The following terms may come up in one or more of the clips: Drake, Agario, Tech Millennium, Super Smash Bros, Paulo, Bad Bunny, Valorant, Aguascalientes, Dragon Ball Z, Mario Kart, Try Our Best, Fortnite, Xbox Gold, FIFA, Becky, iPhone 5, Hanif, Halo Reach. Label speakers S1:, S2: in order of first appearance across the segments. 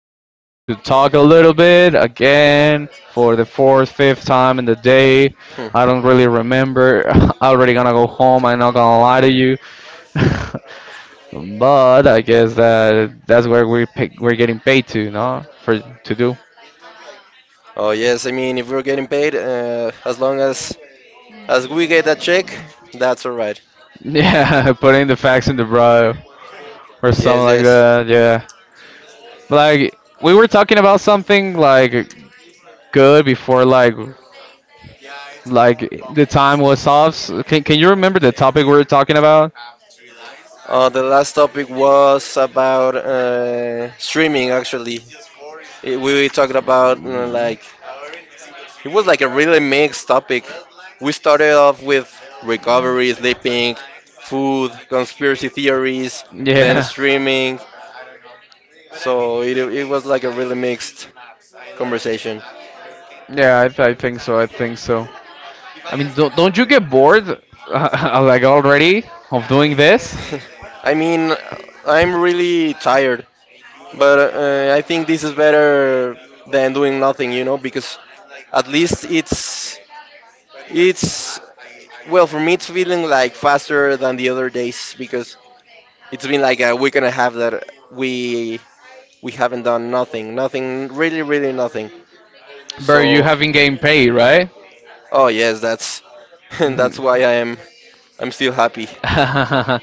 S1: to talk a little bit again for the fourth, fifth time in the day.
S2: Hmm.
S1: I don't really remember. I'm already gonna go home. I'm not gonna lie to
S2: Hmm.
S1: you. But I guess that's where we're getting paid to, no? For to do.
S2: Oh yes, I mean if we're getting paid, as long as we get that check, that's all right.
S1: Yeah, putting the facts in the bro or something
S2: Yes,
S1: like
S2: yes.
S1: that. Yeah, like we were talking about something like good before, like the time was off. So can you remember the topic we were talking about?
S2: The last topic was about streaming. Actually, we talked about
S1: Mm.
S2: like it was like a really mixed topic. We started off with recovery, sleeping, food, conspiracy theories, then
S1: Yeah.
S2: streaming. So it was like a really mixed conversation.
S1: Yeah, I think so. I think so. I mean, don't you get bored, like already of doing this?
S2: I mean, I'm really tired, but I think this is better than doing nothing, you know, because at least it's well, for me it's feeling like faster than the other days because it's been like a week and a half that we we haven't done nothing, nothing, really, really nothing.
S1: Bro, you
S2: So,
S1: haven't gained pay, right?
S2: oh yes, that's, and
S1: Mhm.
S2: that's why I'm still happy.
S1: am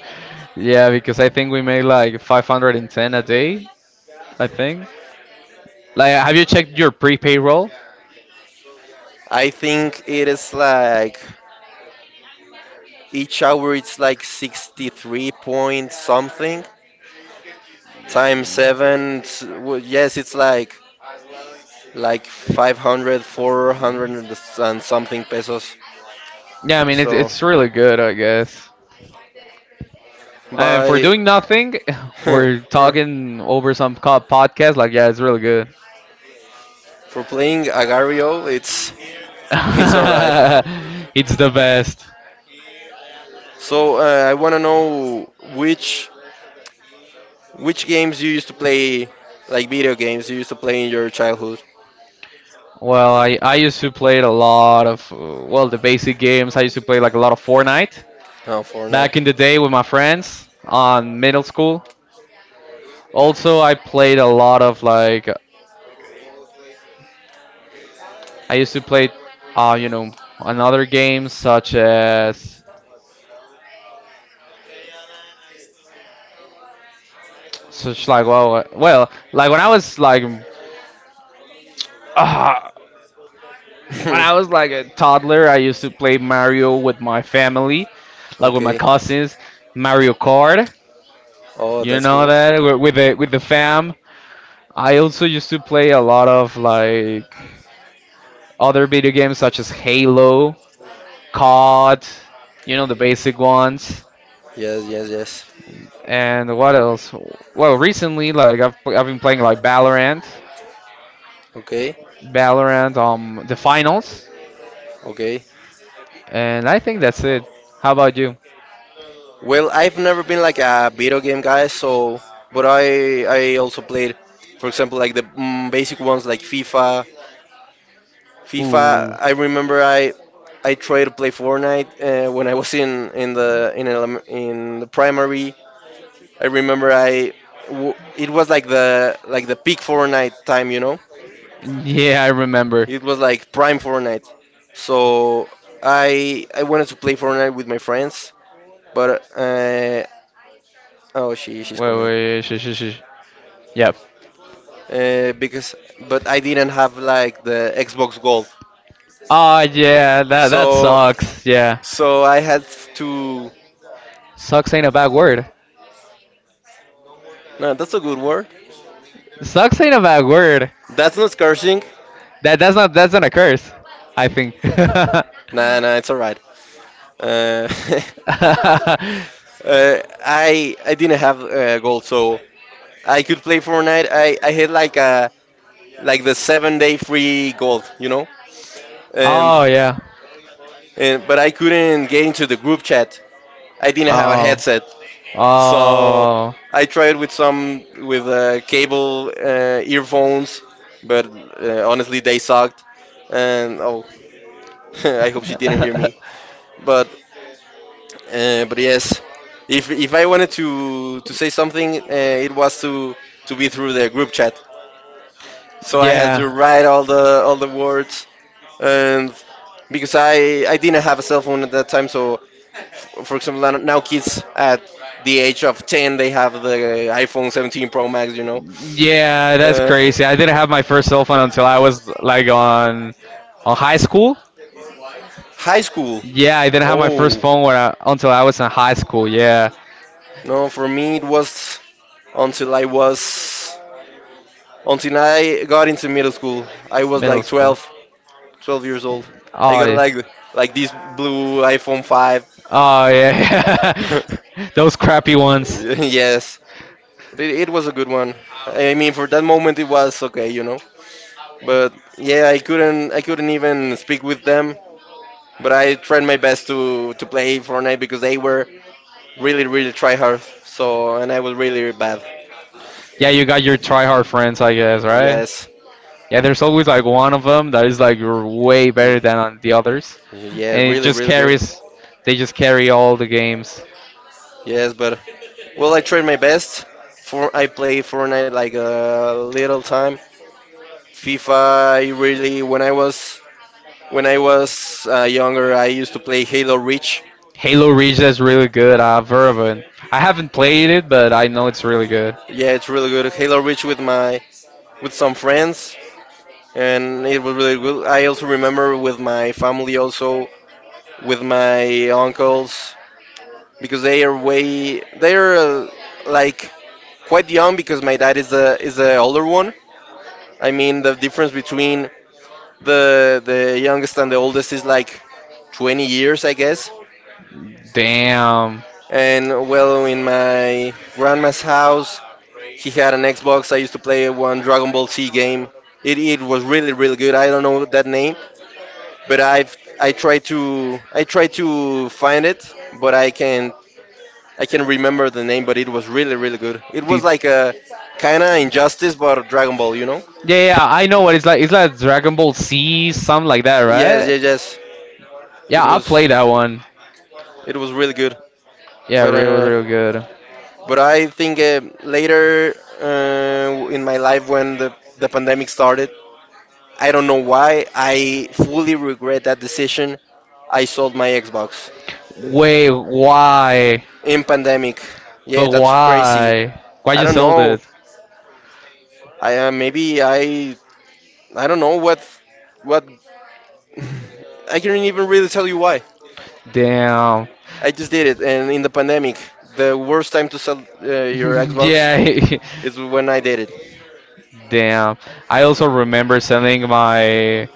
S1: Yeah, because I think we made like 510 a day, I think. Like, have you checked your prepay roll?
S2: I think it is like each hour it's like 63 point something times 7. Well, yes, it's like 500, 400 and something pesos.
S1: Yeah, I mean, it's,
S2: So
S1: it's really good, I guess. And for
S2: by,
S1: doing nothing, we're
S2: for
S1: talking over some podcast. Like, yeah, it's really good.
S2: playing Agario, it's all right.
S1: It's the best.
S2: So I want to know which games you used to play, like video games you used to play in your childhood.
S1: Well, I used to play it a lot of, well, the basic games. I used to play like a lot of Fortnite
S2: Oh, Fortnite.
S1: back in the day with my friends on middle school. Also, I played a lot of like I used to play, uh, you know, another games such as such like well, well, like when uh, when I was like a toddler, I used to play Mario with my family, like with my
S2: Okay.
S1: cousins, Mario Kart.
S2: Oh,
S1: You
S2: that's
S1: know
S2: cool.
S1: that with the fam. I also used to play a lot of like other video games such as Halo. COD, the basic ones.
S2: Yes, yes, yes.
S1: And what else? Well, recently, like I've been playing like Valorant,
S2: Okay,
S1: Valorant, the finals,
S2: okay.
S1: and I think that's it. How about you?
S2: Well, I've never been like a video game guy, so but I also played, for example, like the basic ones like FIFA. FIFA.
S1: Ooh,
S2: I remember. I tried to play Fortnite when I was in the in elem in the primary. I remember I w it was like the peak Fortnite time, you know.
S1: yeah, I remember.
S2: It was like prime Fortnite. So I wanted to play Fortnite with my friends, but oh, she's
S1: Wait,
S2: coming.
S1: wait, shh, shh, shh. Yep.
S2: Because but I didn't have like the Xbox Gold.
S1: Oh yeah, that
S2: So
S1: sucks. Yeah,
S2: I had to.
S1: sucks ain't a bad word.
S2: No, that's a good word.
S1: Sucks ain't a bad word.
S2: That's not cursing.
S1: That's not a curse, I think.
S2: Nah, nah, it's alright. Uh, uh, I didn't have gold, so I could play Fortnite. I had like the 7 day free gold, you know. and
S1: Oh yeah.
S2: and but I couldn't get into the group chat. I didn't have a
S1: Oh.
S2: headset, so
S1: Oh.
S2: I tried with some with cable earphones, but honestly they sucked. And oh, I hope she didn't hear me. But yes, if I wanted to say something, it was to be through the group chat. So I had to write all the words, and because I didn't have a cell phone at that time, so for example, now kids at the age of 10, they have the
S1: Yeah.
S2: iPhone 17 Pro Max, you know.
S1: Yeah, that's
S2: Uh,
S1: crazy. I didn't have my first cell phone until I was like on high school.
S2: high school.
S1: Yeah, I didn't have my first
S2: Oh.
S1: phone until I was in high school. Yeah,
S2: No, for me it was until I was until I got into middle school. I was
S1: middle
S2: like
S1: school.
S2: 12, 12 years old. I
S1: Oh,
S2: got like this blue iPhone 5.
S1: oh yeah, those crappy ones.
S2: Yes, it was a good one. I mean, for that moment it was okay, you know. But yeah, I couldn't even speak with them. But I tried my best to play Fortnite because they were really, really try hard. So and I was really bad.
S1: Yeah, you got your try hard friends, I guess, right?
S2: Yes.
S1: Yeah, there's always like one of them that is like way better
S2: R-
S1: than on the others,
S2: Yeah,
S1: and it
S2: really,
S1: just
S2: really good.
S1: carries. They just carry all the games.
S2: Yes, but well, I tried my best. For I played Fortnite like a little time. FIFA, I really, when I was when I was younger, I used to play Halo Reach.
S1: Halo Reach is really good. I've heard of it. I haven't played it, but I know it's really good.
S2: Yeah, it's really good. Halo Reach with my with some friends, and it was really good. I also remember with my family, also with my uncles, because they are like quite young because my dad is the older one. I mean the difference between the youngest and the oldest is like 20 years, I guess.
S1: Damn.
S2: And well, in my grandma's house, he had an Xbox. I used to play one Dragon Ball Z game. It was really, really good. I don't know that name, but I try to find it, but I can remember the name. But it was really, really good. It
S1: The-
S2: was like a kind of injustice, but Dragon Ball, you know?
S1: yeah, yeah, yeah, I know what it's like. It's like Dragon Ball Z, something like that,
S2: Yes,
S1: right?
S2: yes, yes.
S1: Yeah,
S2: It
S1: I
S2: was
S1: played that one.
S2: it was really good.
S1: Yeah,
S2: But
S1: really, really good.
S2: I think later in my life, when the pandemic started, I don't know why, I fully regret that decision. I sold my Xbox
S1: Wait, why?
S2: in pandemic. Yeah,
S1: But
S2: that's crazy.
S1: why? Why
S2: I
S1: you
S2: don't
S1: sold
S2: know.
S1: it?
S2: I maybe I don't know what what I can't even really tell you why.
S1: Damn.
S2: I just did it, and in the pandemic, the worst time to sell your Xbox
S1: Yeah.
S2: is when I did it.
S1: Damn. I also remember selling my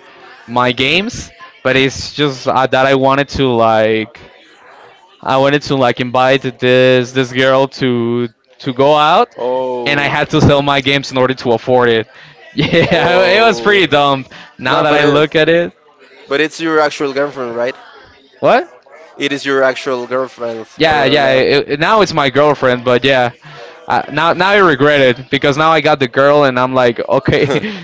S1: my games, but it's just that I wanted to like invite this girl to go out,
S2: Oh,
S1: and I had to sell my games in order to afford it. Yeah, it was pretty
S2: oh.
S1: dumb. Now
S2: No,
S1: that
S2: but
S1: I look at it,
S2: it's your actual girlfriend, right?
S1: what?
S2: It is your actual girlfriend,
S1: Yeah,
S2: or
S1: yeah.
S2: not?
S1: Now it's my girlfriend, but yeah. Now I regret it because now I got the girl, and I'm like, okay,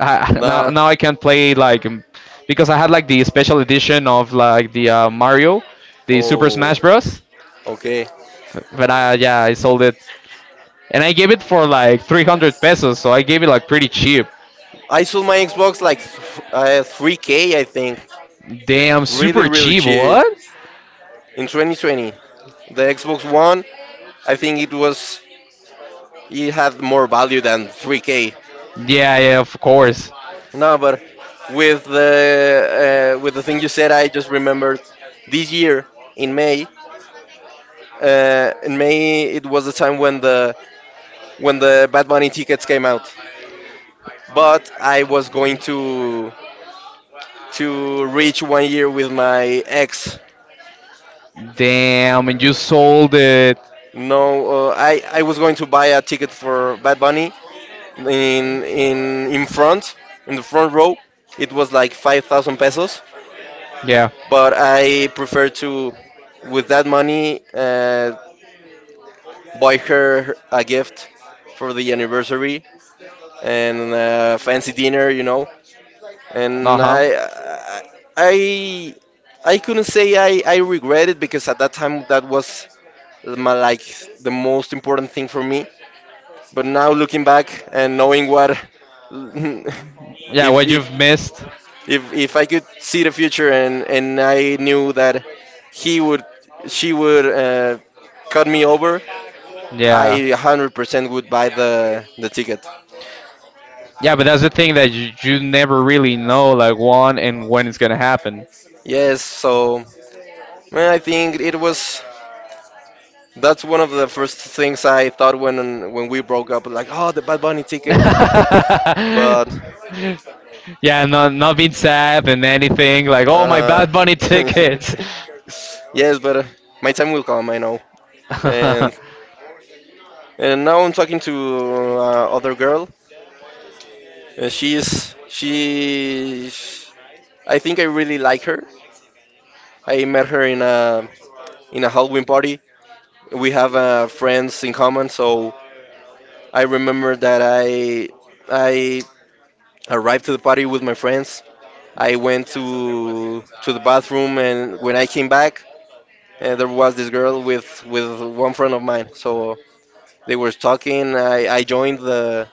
S1: I, now,
S2: nah.
S1: now I can play like, because I had like the special edition of like the Mario, the
S2: Oh,
S1: Super Smash Bros.
S2: okay.
S1: But I, yeah, I sold it, and I gave it for like 300 pesos, so I gave it like pretty cheap.
S2: I sold my Xbox like 3K, I think.
S1: Damn,
S2: Really,
S1: super
S2: really
S1: cheap.
S2: cheap.
S1: What?
S2: In 2020, the Xbox One, I think it was it had more value than 3K.
S1: Yeah, yeah, of course.
S2: No, but with the thing you said, I just remembered this year in May. In May, it was the time when the Bad Bunny tickets came out. But I was going to reach 1 year with my ex.
S1: Damn, and you sold it.
S2: No, I was going to buy a ticket for Bad Bunny in front, in the front row. It was like 5,000 pesos,
S1: Yeah.
S2: but I prefer to, with that money, buy her a gift for the anniversary and fancy dinner, you know. And I I couldn't say I regret it because at that time that was my, like, the most important thing for me. But now, looking back and knowing what,
S1: Yeah,
S2: if
S1: what you've missed.
S2: I could see the future, and I knew that he would she would cut me over,
S1: Would
S2: I 100% would buy the ticket.
S1: Yeah, but that's the thing that you never really know, like, when it's gonna happen.
S2: Yes, so well, I think it was, that's one of the first things I thought when we broke up, like, oh, the Bad Bunny ticket. But
S1: Is so Yeah, no, not being sad and anything like, oh, my
S2: uh,
S1: Bad Bunny tickets.
S2: yes, but my time will come, I know. and
S1: The
S2: and now I'm talking to other girl. And she's she. I think I really like her. I met her in a Halloween party. We have friends in common, so I remember that I arrived to the party with my friends. I went to the bathroom, and when I came back, there was this girl with one friend of mine. So they were talking. I joined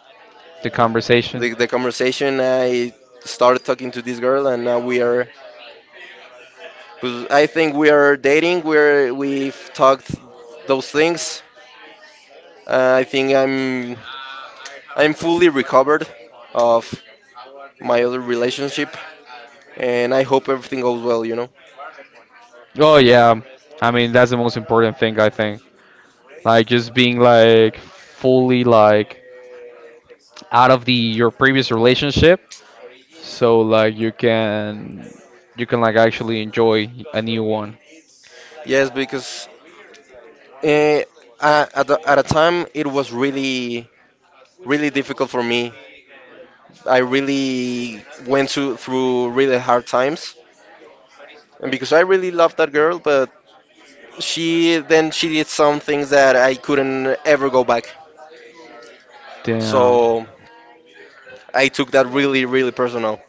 S1: conversation.
S2: the conversation. I started talking to this girl, and now we are, I think we are dating. We've talked those things. I think I'm fully recovered of my other relationship, and I hope everything goes well, you know.
S1: Oh yeah, I mean that's the most important thing I think. Like just being like fully like out of the your previous relationship, so like you can like actually enjoy a new one.
S2: Yes, because eh, at a time it was really, really difficult for me. I really went to, through really hard times, and because I really loved that girl, but she did some things that I couldn't ever go back.
S1: Damn.
S2: So I took that really, really personal.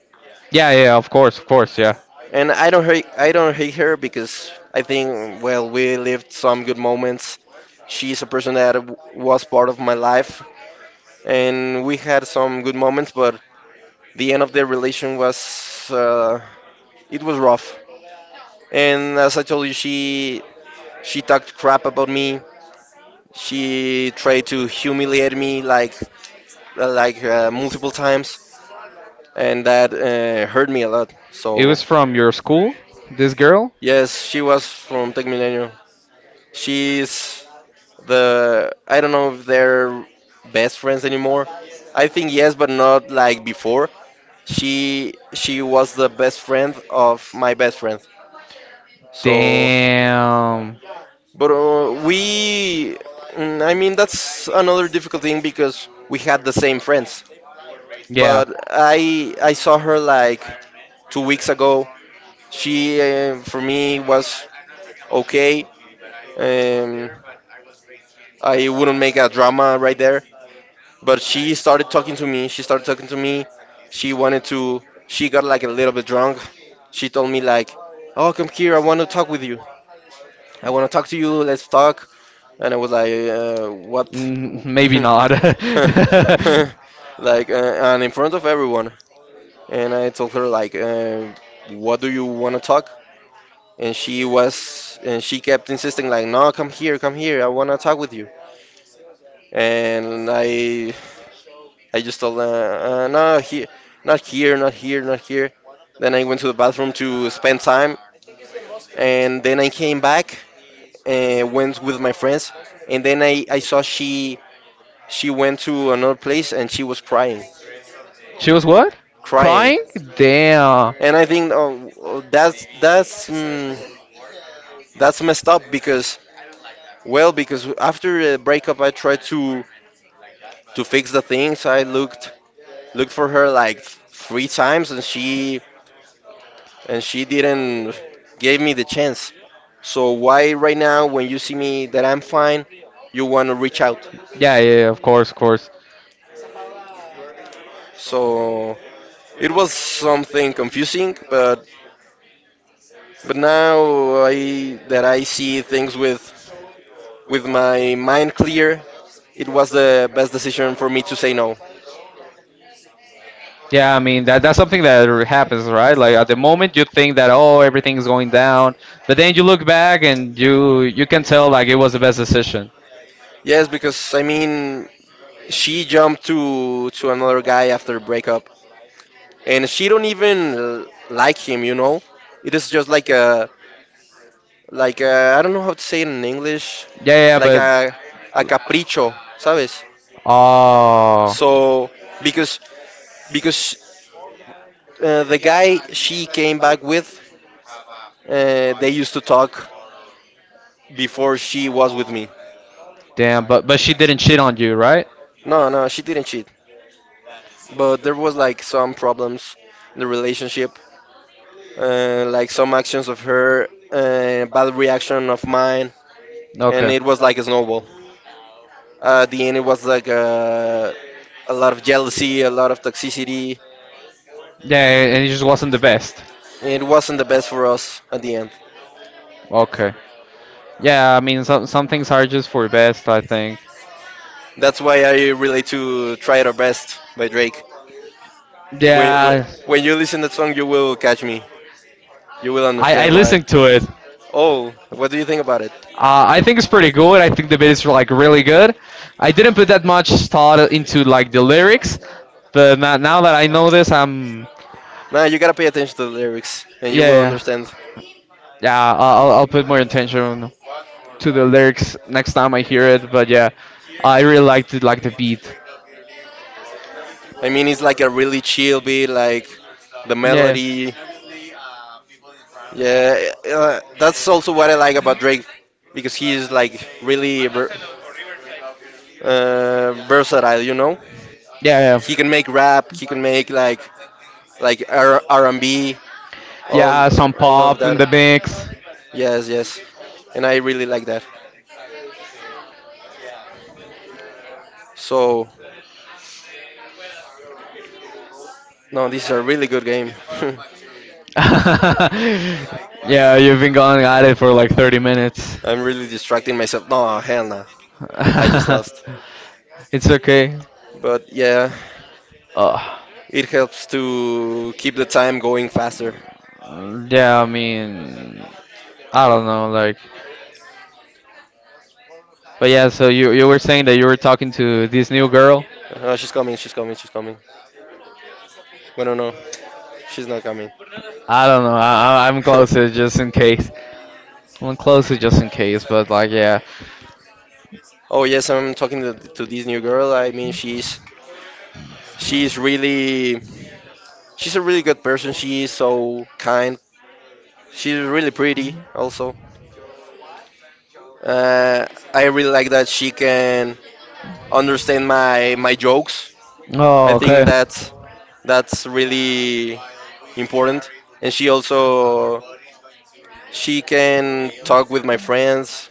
S1: Yeah, yeah, yeah, of course, yeah.
S2: And I don't hate her, because I think, well, we lived some good moments. She's a person that was part of my life, and we had some good moments, but the end of the relation was it was rough. And as I told you, she talked crap about me. She tried to humiliate me like multiple times, and that hurt me a lot.
S1: It
S2: So
S1: was from your school, this girl?
S2: yes, she was from Tech Millennium. She's the, I don't know if they're best friends anymore. I think yes, but not like before. She was the best friend of my best friend. So,
S1: Damn.
S2: but we I mean, that's another difficult thing because we had the same friends.
S1: Yeah.
S2: But I saw her like 2 weeks ago. She, for me was okay. Um, I wouldn't make a drama right there. But she started talking to me. She started talking to me. She wanted to. She got like a little bit drunk. She told me like, "Oh, come here. I want to talk with you. I want to talk to you. Let's talk." And I was like, "What?"
S1: Mm, maybe not.
S2: Like, and in front of everyone. And I told her like, "What do you want to talk?" And she was, and she kept insisting like, "No, come here, come here. I want to talk with you." And I just told them, no, not here, not here, not here. Then I went to the bathroom to spend time, and then I came back and went with my friends, and then I saw she went to another place and she was crying,
S1: She was what?
S2: crying,
S1: Crying? Damn.
S2: and I think oh, oh, that's that's messed up because well because after the breakup I tried to fix the things I looked for her like three times and she didn't gave me the chance. So why right now when you see me that I'm fine, you want to reach out?
S1: Yeah, yeah, yeah, of course, of course.
S2: So it was something confusing, but now I that I see things with my mind clear, it was the best decision for me to say no.
S1: Yeah, I mean that's something that happens, right? Like at the moment you think that oh everything's going down, but then you look back and you can tell like it was the best decision.
S2: Yes, because I mean she jumped to another guy after breakup, and she don't even like him, you know. It is just like a like I don't know how to say it in English,
S1: Yeah, yeah, yeah,
S2: like
S1: but
S2: a capricho, ¿sabes?
S1: oh
S2: So because because the guy she came back with, they used to talk before she was with me.
S1: damn, but she didn't cheat on you, right?
S2: No, no, she didn't cheat, but there was like some problems in the relationship, like some actions of her, bad reaction of mine, and
S1: Okay.
S2: it was like a snowball. At the end, it was like a lot of jealousy, a lot of toxicity.
S1: Yeah, yeah, and it just wasn't the best.
S2: It wasn't the best for us at the end.
S1: Okay. Yeah, I mean some things are just for best, I think.
S2: That's why I relate to "Try Our Best" by Drake. When, when
S1: Yeah.
S2: when you listen to that song, you will catch me. You will
S1: I
S2: understand why.
S1: listened to it.
S2: Oh, what do you think about it?
S1: I think it's pretty good. I think the beat is like really good. I didn't put that much thought into like the lyrics, but now that I know this, I'm
S2: Nah, you gotta pay attention to the lyrics, and you
S1: yeah,
S2: will, yeah,
S1: yeah,
S2: understand.
S1: yeah. I'll put more attention to the lyrics next time I hear it. But yeah, I really liked it, like the beat.
S2: I mean, it's like a really chill beat, like the
S1: Yeah,
S2: melody. Yeah, that's also what I like about Drake, because he is like really versatile. You know,
S1: yeah,
S2: he can make
S1: yeah,
S2: rap, he can make like R and B, all
S1: yeah. Some
S2: all of
S1: pop in
S2: that.
S1: the mix.
S2: Yes, yes, and I really like that. So no, this is a really good game.
S1: Yeah, you've been going at it for like 30 minutes.
S2: I'm really distracting myself. No, hell no. I just lost.
S1: It's okay.
S2: But yeah,
S1: Uh,
S2: it helps to keep the time going faster.
S1: yeah, I mean, I don't know, like, but yeah. So you were saying that you were talking to this new girl.
S2: Oh, she's coming, she's coming, she's coming. Well, no, no, she's not coming.
S1: I don't know. I'm closer just in case. I'm closer just in case, but like, yeah.
S2: Oh yes, I'm talking to this new girl. I mean, she's really, she's a really good person. She is so kind. She's really pretty also. Uh, I really like that she can understand my my jokes.
S1: Oh,
S2: I
S1: okay.
S2: think that's really important. And she also she can talk with my friends.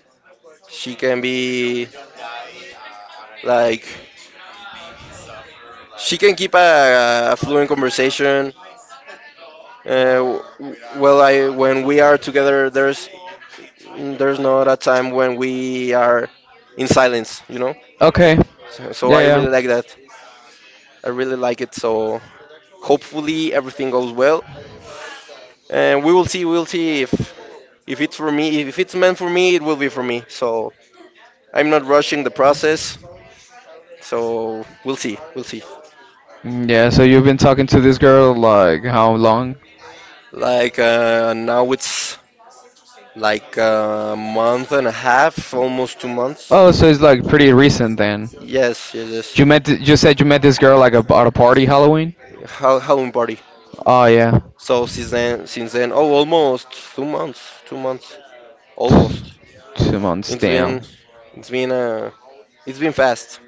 S2: She can be like she can keep a fluent conversation. I, when we are together, there's not a time when we are in silence. You know.
S1: Okay.
S2: So I
S1: Yeah,
S2: really like
S1: yeah.
S2: that. I really like it. So hopefully everything goes well, and we will see. We'll see if it's for me. If it's meant for me, it will be for me. So I'm not rushing the process. So we'll see. We'll see.
S1: Mm, yeah. So you've been talking to this girl like how long?
S2: Like now it's like a month and a half, almost 2 months.
S1: Oh, so it's like pretty recent then.
S2: Yes, yes,
S1: You
S2: yes.
S1: met you said you met this girl like at a party Halloween?
S2: Halloween party.
S1: Oh yeah.
S2: So since then, oh, almost two months, 2 months, almost.
S1: 2 months,
S2: It's
S1: damn.
S2: been, it's been a It's been fast.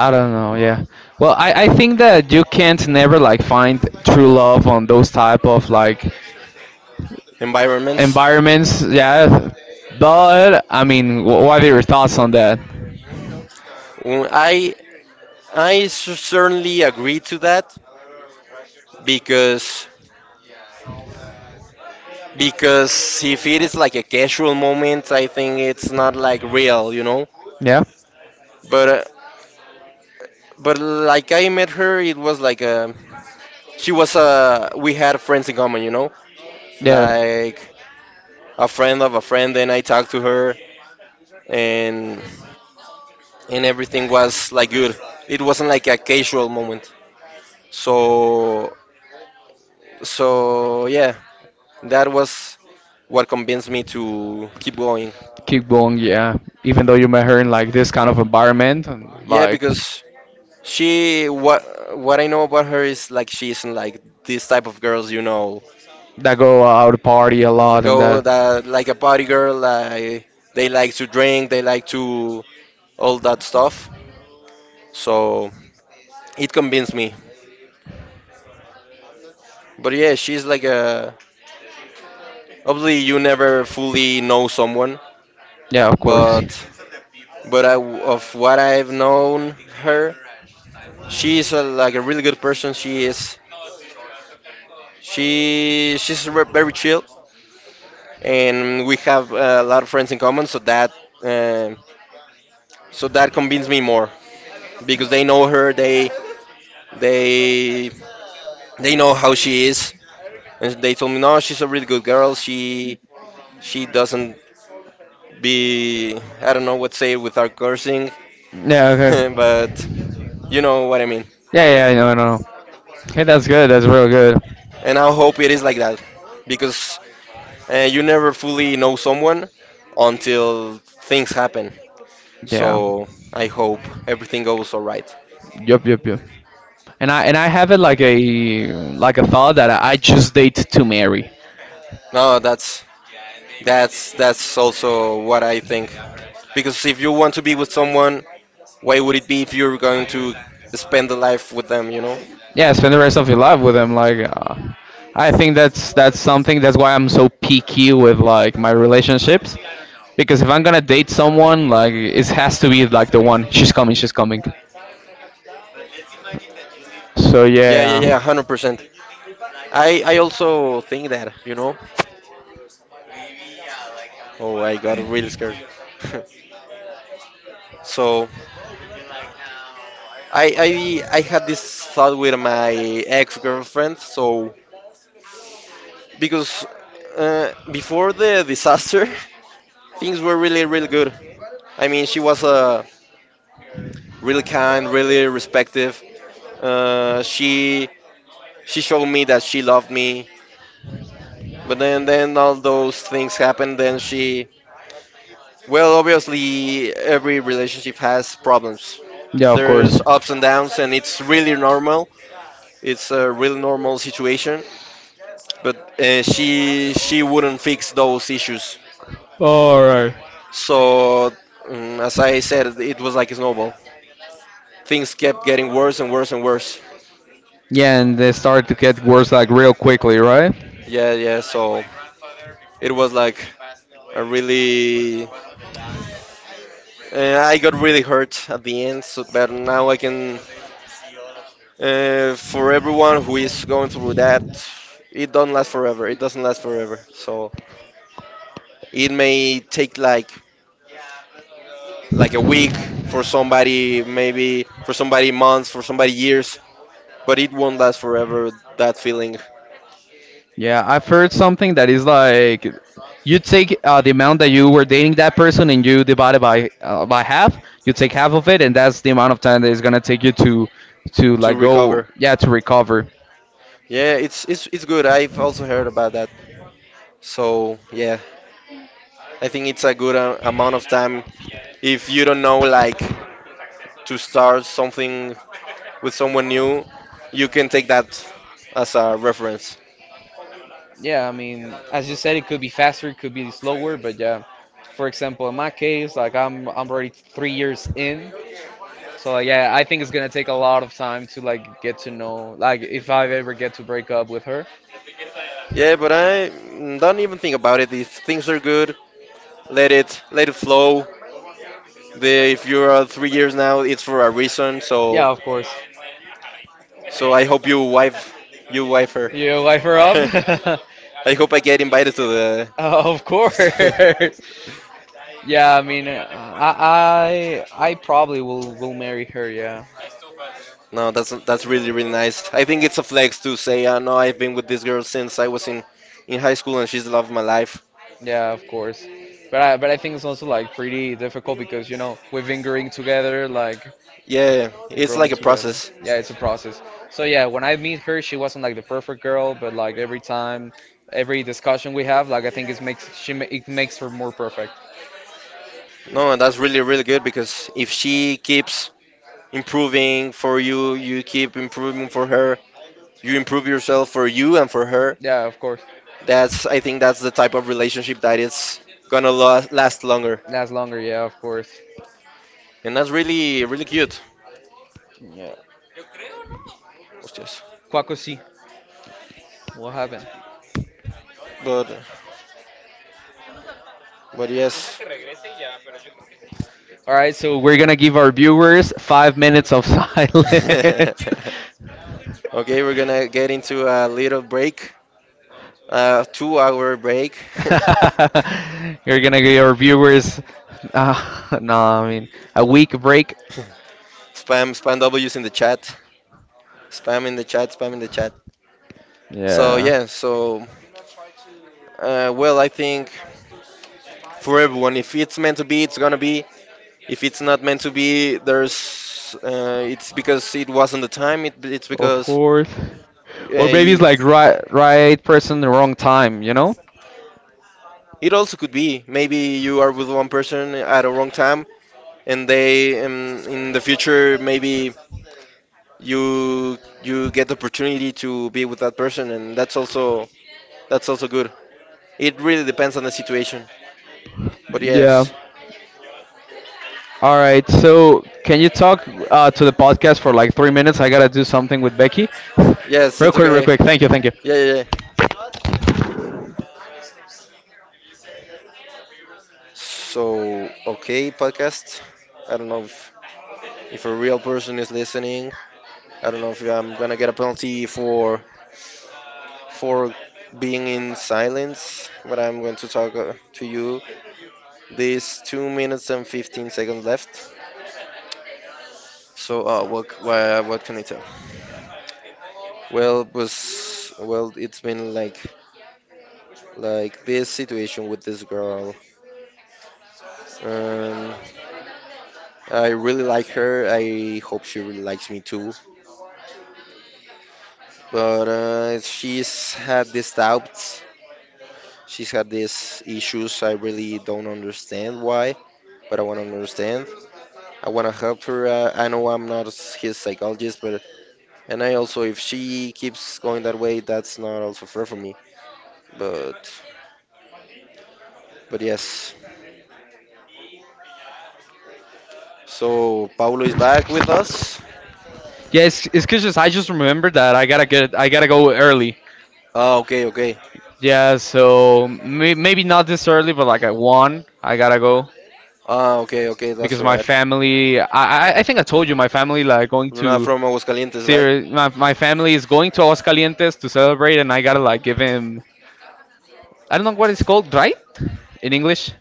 S1: I don't know, yeah. Well, I think that you can't never like find true love on those type of like
S2: Environments.
S1: environments, yeah. But I mean, what are your thoughts on that?
S2: Mm, I certainly agree to that because because if it is like a casual moment, I think it's not like real, you know.
S1: Yeah,
S2: But uh, but like I met her, it was like a she was a we had friends in common, you know,
S1: yeah.
S2: like a friend of a friend, and I talked to her, and and everything was like good. It wasn't like a casual moment. So so yeah, that was what convinced me to keep going.
S1: Keep going, yeah. Even though you met her in like this kind of environment, and,
S2: Yeah,
S1: like
S2: because she what I know about her is like she isn't like this type of girls, you know,
S1: that go out party a lot and
S2: go
S1: that.
S2: that like a party girl. Like they like to drink, they like to all that stuff. So it convinced me. But yeah, she's like a obviously you never fully know someone,
S1: Yeah, of course.
S2: but but I, of what I've known her, she's a, like a really good person. She is She she's very chill, and we have a lot of friends in common. So that uh, so that convinced me more because they know her. They they know how she is, and they told me no, she's a really good girl. She doesn't be I don't know what to say without cursing,
S1: Yeah, okay.
S2: but you know what I mean.
S1: Yeah, yeah, no, no, no. Hey, that's good. That's real good.
S2: And I hope it is like that because you never fully know someone until things happen.
S1: Yeah.
S2: So I hope everything goes all right.
S1: Yup, yup, yup. And I have it like a thought that I just date to marry.
S2: No, that's that's also what I think. Because if you want to be with someone, why would it be if you're going to spend the life with them, you know?
S1: Yeah, spend the rest of your life with them. Like, I think that's something. That's why I'm so picky with like my relationships, because if I'm gonna date someone, like it has to be like the one. She's coming. She's coming. So
S2: Yeah, yeah,
S1: yeah,
S2: yeah, 100%. I also think that, you know. Oh, I got really scared. So I I had this thought with my ex-girlfriend. So because before the disaster, things were really really good. I mean, she was a really kind, really respectful. Uh, she she showed me that she loved me. But then all those things happened. Then she well obviously every relationship has problems.
S1: yeah, of
S2: There's
S1: course.
S2: ups and downs, and it's really normal. It's a really normal situation. But she wouldn't fix those issues.
S1: All right.
S2: So mm as I said, it was like a snowball. Things kept getting worse and worse and worse.
S1: Yeah, and they start to get worse like real quickly, right?
S2: Yeah, yeah. So it was like I really, I got really hurt at the end. So, but now I can, for everyone who is going through that, it don't last forever. It doesn't last forever. So it may take like a week for somebody, maybe for somebody months, for somebody years, but it won't last forever. That feeling
S1: Yeah, I've heard something that is like you take the amount that you were dating that person and you divide it by half. You take half of it, and that's the amount of time that it's gonna take you to
S2: to
S1: like go
S2: recover.
S1: yeah to recover.
S2: Yeah, it's it's good. I've also heard about that. So yeah, I think it's a good amount of time if you don't know like to start something with someone new, you can take that as a reference.
S1: Yeah, I mean, as you said, it could be faster, it could be slower, but yeah. For example, in my case, like I'm already 3 years in, so like, yeah, I think it's gonna take a lot of time to like get to know, like if I ever get to break up with her.
S2: Yeah, but I mm, don't even think about it. If things are good, let it flow. If you're 3 years now, it's for a reason. So
S1: Yeah, of course.
S2: so I hope you wife her.
S1: You wife her up?
S2: I hope I get invited to the.
S1: Of course. Yeah, I mean, I probably will marry her. Yeah,
S2: No, that's really really nice. I think it's a flex to say, no, I've been with this girl since I was in high school and she's the love of my life.
S1: yeah, of course. But I think it's also like pretty difficult because you know we've been growing together, like
S2: Yeah, it's
S1: growing
S2: like a
S1: together.
S2: process.
S1: Yeah, it's a process. So yeah, when I meet her, she wasn't like the perfect girl, but like every time, every discussion we have, like I think it makes her more perfect.
S2: No, and that's really, really good because if she keeps improving for you, you keep improving for her, you improve yourself for you and for her.
S1: Yeah, of course.
S2: That's, I think, that's the type of relationship that is gonna last, last longer,
S1: Last longer, yeah, of course.
S2: and that's really, really cute.
S1: Yeah.
S2: Hostias.
S1: Quaco sí. What happened?
S2: But, but yes.
S1: All right, so we're gonna give our viewers 5 minutes of silence.
S2: Okay, we're gonna get into a little break, two-hour break.
S1: You're gonna give our viewers, no, I mean a week break.
S2: Spam, spam W's in the chat. Spam in the chat, spam in the chat.
S1: Yeah.
S2: So
S1: Yeah.
S2: yeah, so well, I think for everyone, if it's meant to be, it's gonna be. If it's not meant to be, there's it's because it wasn't the time. It's
S1: Of
S2: because
S1: course.
S2: uh,
S1: Or maybe it's
S2: y-
S1: like right person, the wrong time, you know?
S2: it also could be maybe you are with one person at a wrong time, and they in the future maybe you you get the opportunity to be with that person, and that's also good. It really depends on the situation. But
S1: Yeah.
S2: yes,
S1: All right. So, can you talk to the podcast for like 3 minutes? I gotta do something with Becky.
S2: yes,
S1: Real
S2: it's
S1: quick, real
S2: okay.
S1: quick. Thank you, thank you.
S2: Yeah, yeah, yeah. So, okay, podcast. I don't know if a real person is listening. I don't know if I'm gonna get a penalty for for being in silence. But I'm going to talk to you. These 2 minutes and 15 seconds left. So, what can I tell? Well, it's been like this situation with this girl. Um, I really like her. I hope she really likes me too. But she's had these doubts. She's had these issues. I really don't understand why, but I want to understand. I want to help her. I know I'm not his psychologist, but and I also, if she keeps going that way, that's not also fair for me. But but yes. So Paulo is back with us.
S1: Yeah, it's 'cause just I just remembered that I gotta go early.
S2: Ah, okay, okay.
S1: Yeah, so maybe not this early, but like at one, I gotta go
S2: Ah, okay, okay. That's
S1: because
S2: all
S1: my
S2: right.
S1: family. I think I told you my family like going
S2: Not
S1: to.
S2: from Aguascalientes, right?
S1: Serious, my family is going to Aguascalientes to celebrate, and I gotta like give him. I don't know what it's called, right? In English,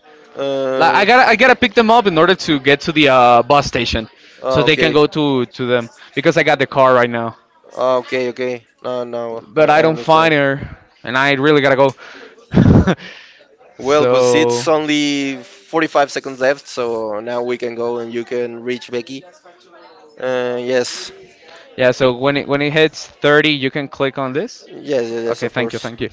S1: like
S2: Uh,
S1: I gotta pick them up in order to get to the bus station,
S2: oh,
S1: so they can
S2: okay.
S1: go to them because I got the car right now,
S2: Ah, okay, okay. No, no,
S1: but I
S2: I
S1: don't
S2: understand.
S1: find her, and I really gotta go.
S2: Well, but it's
S1: So
S2: only 45 seconds left, so now we can go and you can reach Becky. Yes,
S1: yeah, so when it hits 30, you can click on this.
S2: yes, yes, yes,
S1: Okay,
S2: of
S1: thank you,
S2: course.
S1: thank you.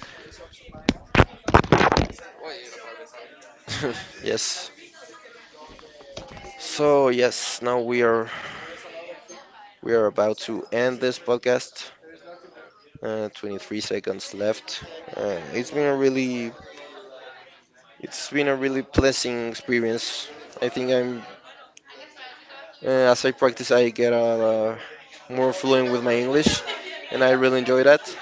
S2: Yes. So yes, now we are about to end this podcast. 23 seconds left. It's been a really It's been a really pleasant experience. I think I'm, as I practice, I get more fluent with my English, and I really enjoy that.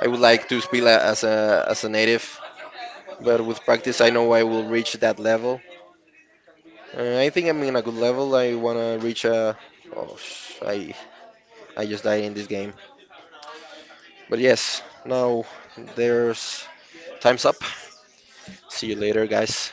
S2: I would like to speak as a native, but with practice, I know I will reach that level. I think I'm in a good level. I wanna reach a. Oh, sh- I just died in this game. But yes, now there's time's up. See you later, guys.